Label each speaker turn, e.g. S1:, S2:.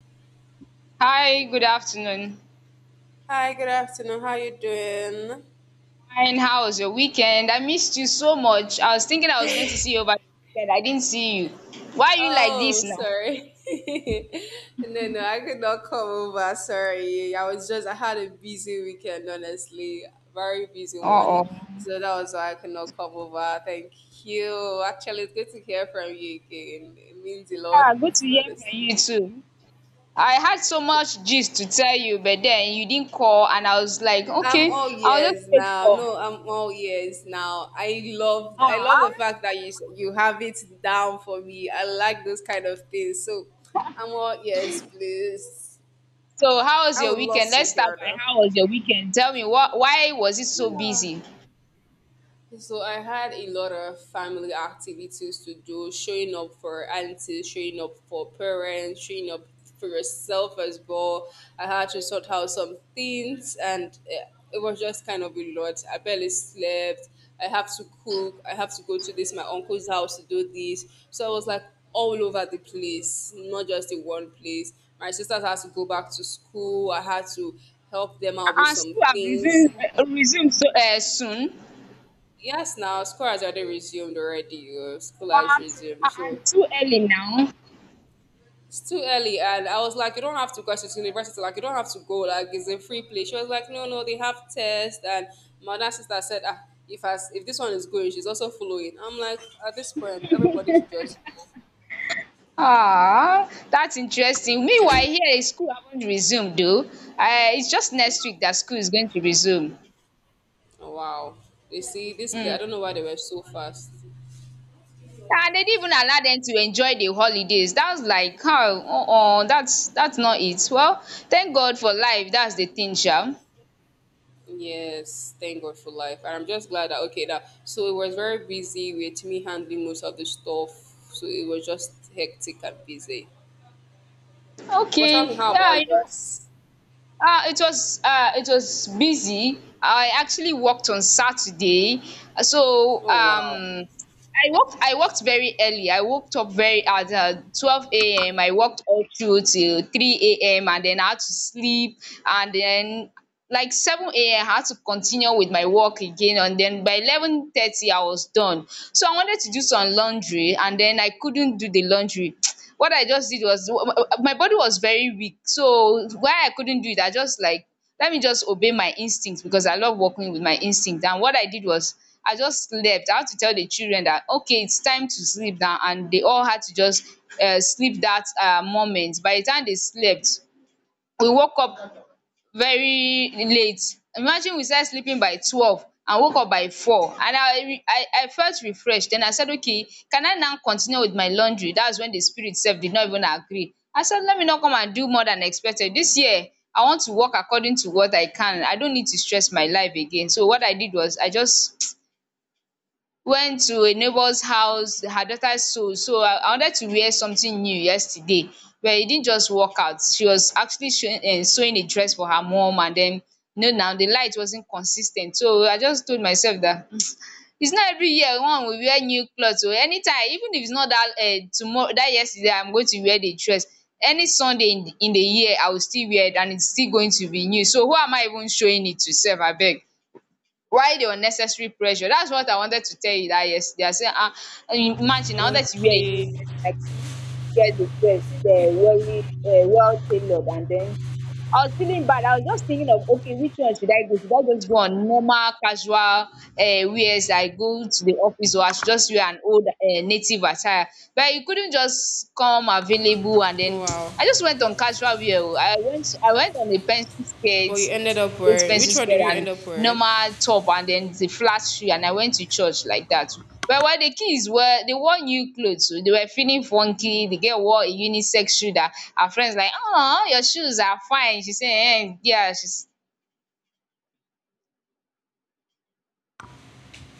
S1: Hi, good afternoon.
S2: Hi, good afternoon. How you doing?
S1: Fine, how was your weekend? I missed you so much. I was thinking I was going to see you over the weekend. I didn't see you. Why are you like
S2: Oh,
S1: this now?
S2: sorry. No, no, I could not come over. Sorry. I had a busy weekend, honestly. Very busy one.
S1: Uh-oh.
S2: So that was why I could not come over. Thank you. Actually, it's good to hear from you again. It means a lot,
S1: Yeah, good to hear from
S2: honestly.
S1: you too. I had so much gist to tell you, but then you didn't call, and I was like,
S2: I'm
S1: okay,
S2: all
S1: I'll just
S2: ears
S1: wait
S2: now.
S1: for.
S2: No, I'm all ears now. I love the
S1: Ah.
S2: fact that you have it down for me. I like those kind of things. So I'm all ears, please.
S1: So, how was
S2: I
S1: your
S2: would love
S1: weekend?
S2: to
S1: Let's start
S2: hear
S1: by
S2: them.
S1: how was your weekend? Tell me, what? Why was it so busy?
S2: So I had a lot of family activities to do, showing up for aunties, showing up for parents, showing up for yourself as well. I had to sort out some things and it was just kind of a lot. I barely slept. I have to cook. I have to go to this my uncle's house to do this. So I was like all over the place, not just in one place. My sisters had to go back to school. I had to help them out with
S1: And
S2: some
S1: school have
S2: things.
S1: resumed, soon.
S2: Yes, now school has already resumed already. School has
S1: What?
S2: resumed,
S1: Ah ah,
S2: so
S1: too early now.
S2: it's too early. And I was like, you don't have to go to university. Like you don't have to go. Like it's a free place. She was like, no, no, they have tests. And my other sister said, ah, if as if this one is going, she's also following. I'm like, at this point, everybody should just.
S1: Ah, that's interesting. Meanwhile, here is school haven't resumed though. It's just next week that school is going to resume.
S2: Oh, wow, they see this play. I
S1: Mm.
S2: don't know why they were so fast.
S1: And they didn't even allow them to enjoy the holidays. That was like, how? Oh, that's not it. Well, thank God for life. That's the thing, Sha.
S2: Yes, thank God for life. And I'm just glad that okay that so it was very busy with me handling most of the stuff. So it was just hectic and busy. But tell
S1: Okay,
S2: me, how
S1: yeah,
S2: about
S1: you know,
S2: yours?
S1: it was busy. I actually worked on Saturday, so
S2: Oh, wow.
S1: I worked very early. I woke up very at 12 a.m. I worked all through till 3 a.m., and then I had to sleep, and then like 7 a.m. I had to continue with my work again, and then by 11:30 I was done. So I wanted to do some laundry, and then I couldn't do the laundry. What I just did was my body was very weak. So why I couldn't do it, I just like let me just obey my instinct because I love working with my instinct. And what I did was I just slept. I had to tell the children that okay, it's time to sleep now, and they all had to just sleep that moment. By the time they slept, we woke up very late. Imagine we started sleeping by 12 and woke up by 4, and I felt refreshed. Then I said, okay, can I now continue with my laundry? That's when the spirit self did not even agree. I said let me not come and do more than expected. This year I want to work according to what I can. I don't need to stress my life again. So what I did was I just went to a neighbor's house, her daughter sold. So I wanted to wear something new yesterday, but it didn't just work out. She was actually sewing a dress for her mom, and then you know now the light wasn't consistent. So I just told myself that, "Mm, it's not every year one will wear new clothes. So anytime, even if it's not that tomorrow, that yesterday, I'm going to wear the dress. Any Sunday in the year, I will still wear it, and it's still going to be new. So who am I even showing it to? Self, I beg. Why the unnecessary pressure?" That's what I wanted to tell you, that yesterday I said, ah, imagine I wanted to wear a new
S2: Okay.
S1: dress and I could wear the same. I was feeling bad. I was just thinking of, okay, which one should I go? Should I just go on normal, casual wears? I go to the office, or I should just wear an old native attire. But you couldn't just come available, and then
S2: Wow.
S1: I just went on casual wear. Oh. I went on a pencil
S2: But
S1: skirt,
S2: you ended up wearing, which
S1: expensive
S2: one did
S1: girl,
S2: you end
S1: and
S2: up wearing?
S1: normal top, and then the flat shoe, and I went to church like that. But while the kids were they wore new clothes oh, they were feeling funky. The girl wore a unisex shoe that her friends like, "Oh, your shoes are fine." She say, "Ehen, yeah." She's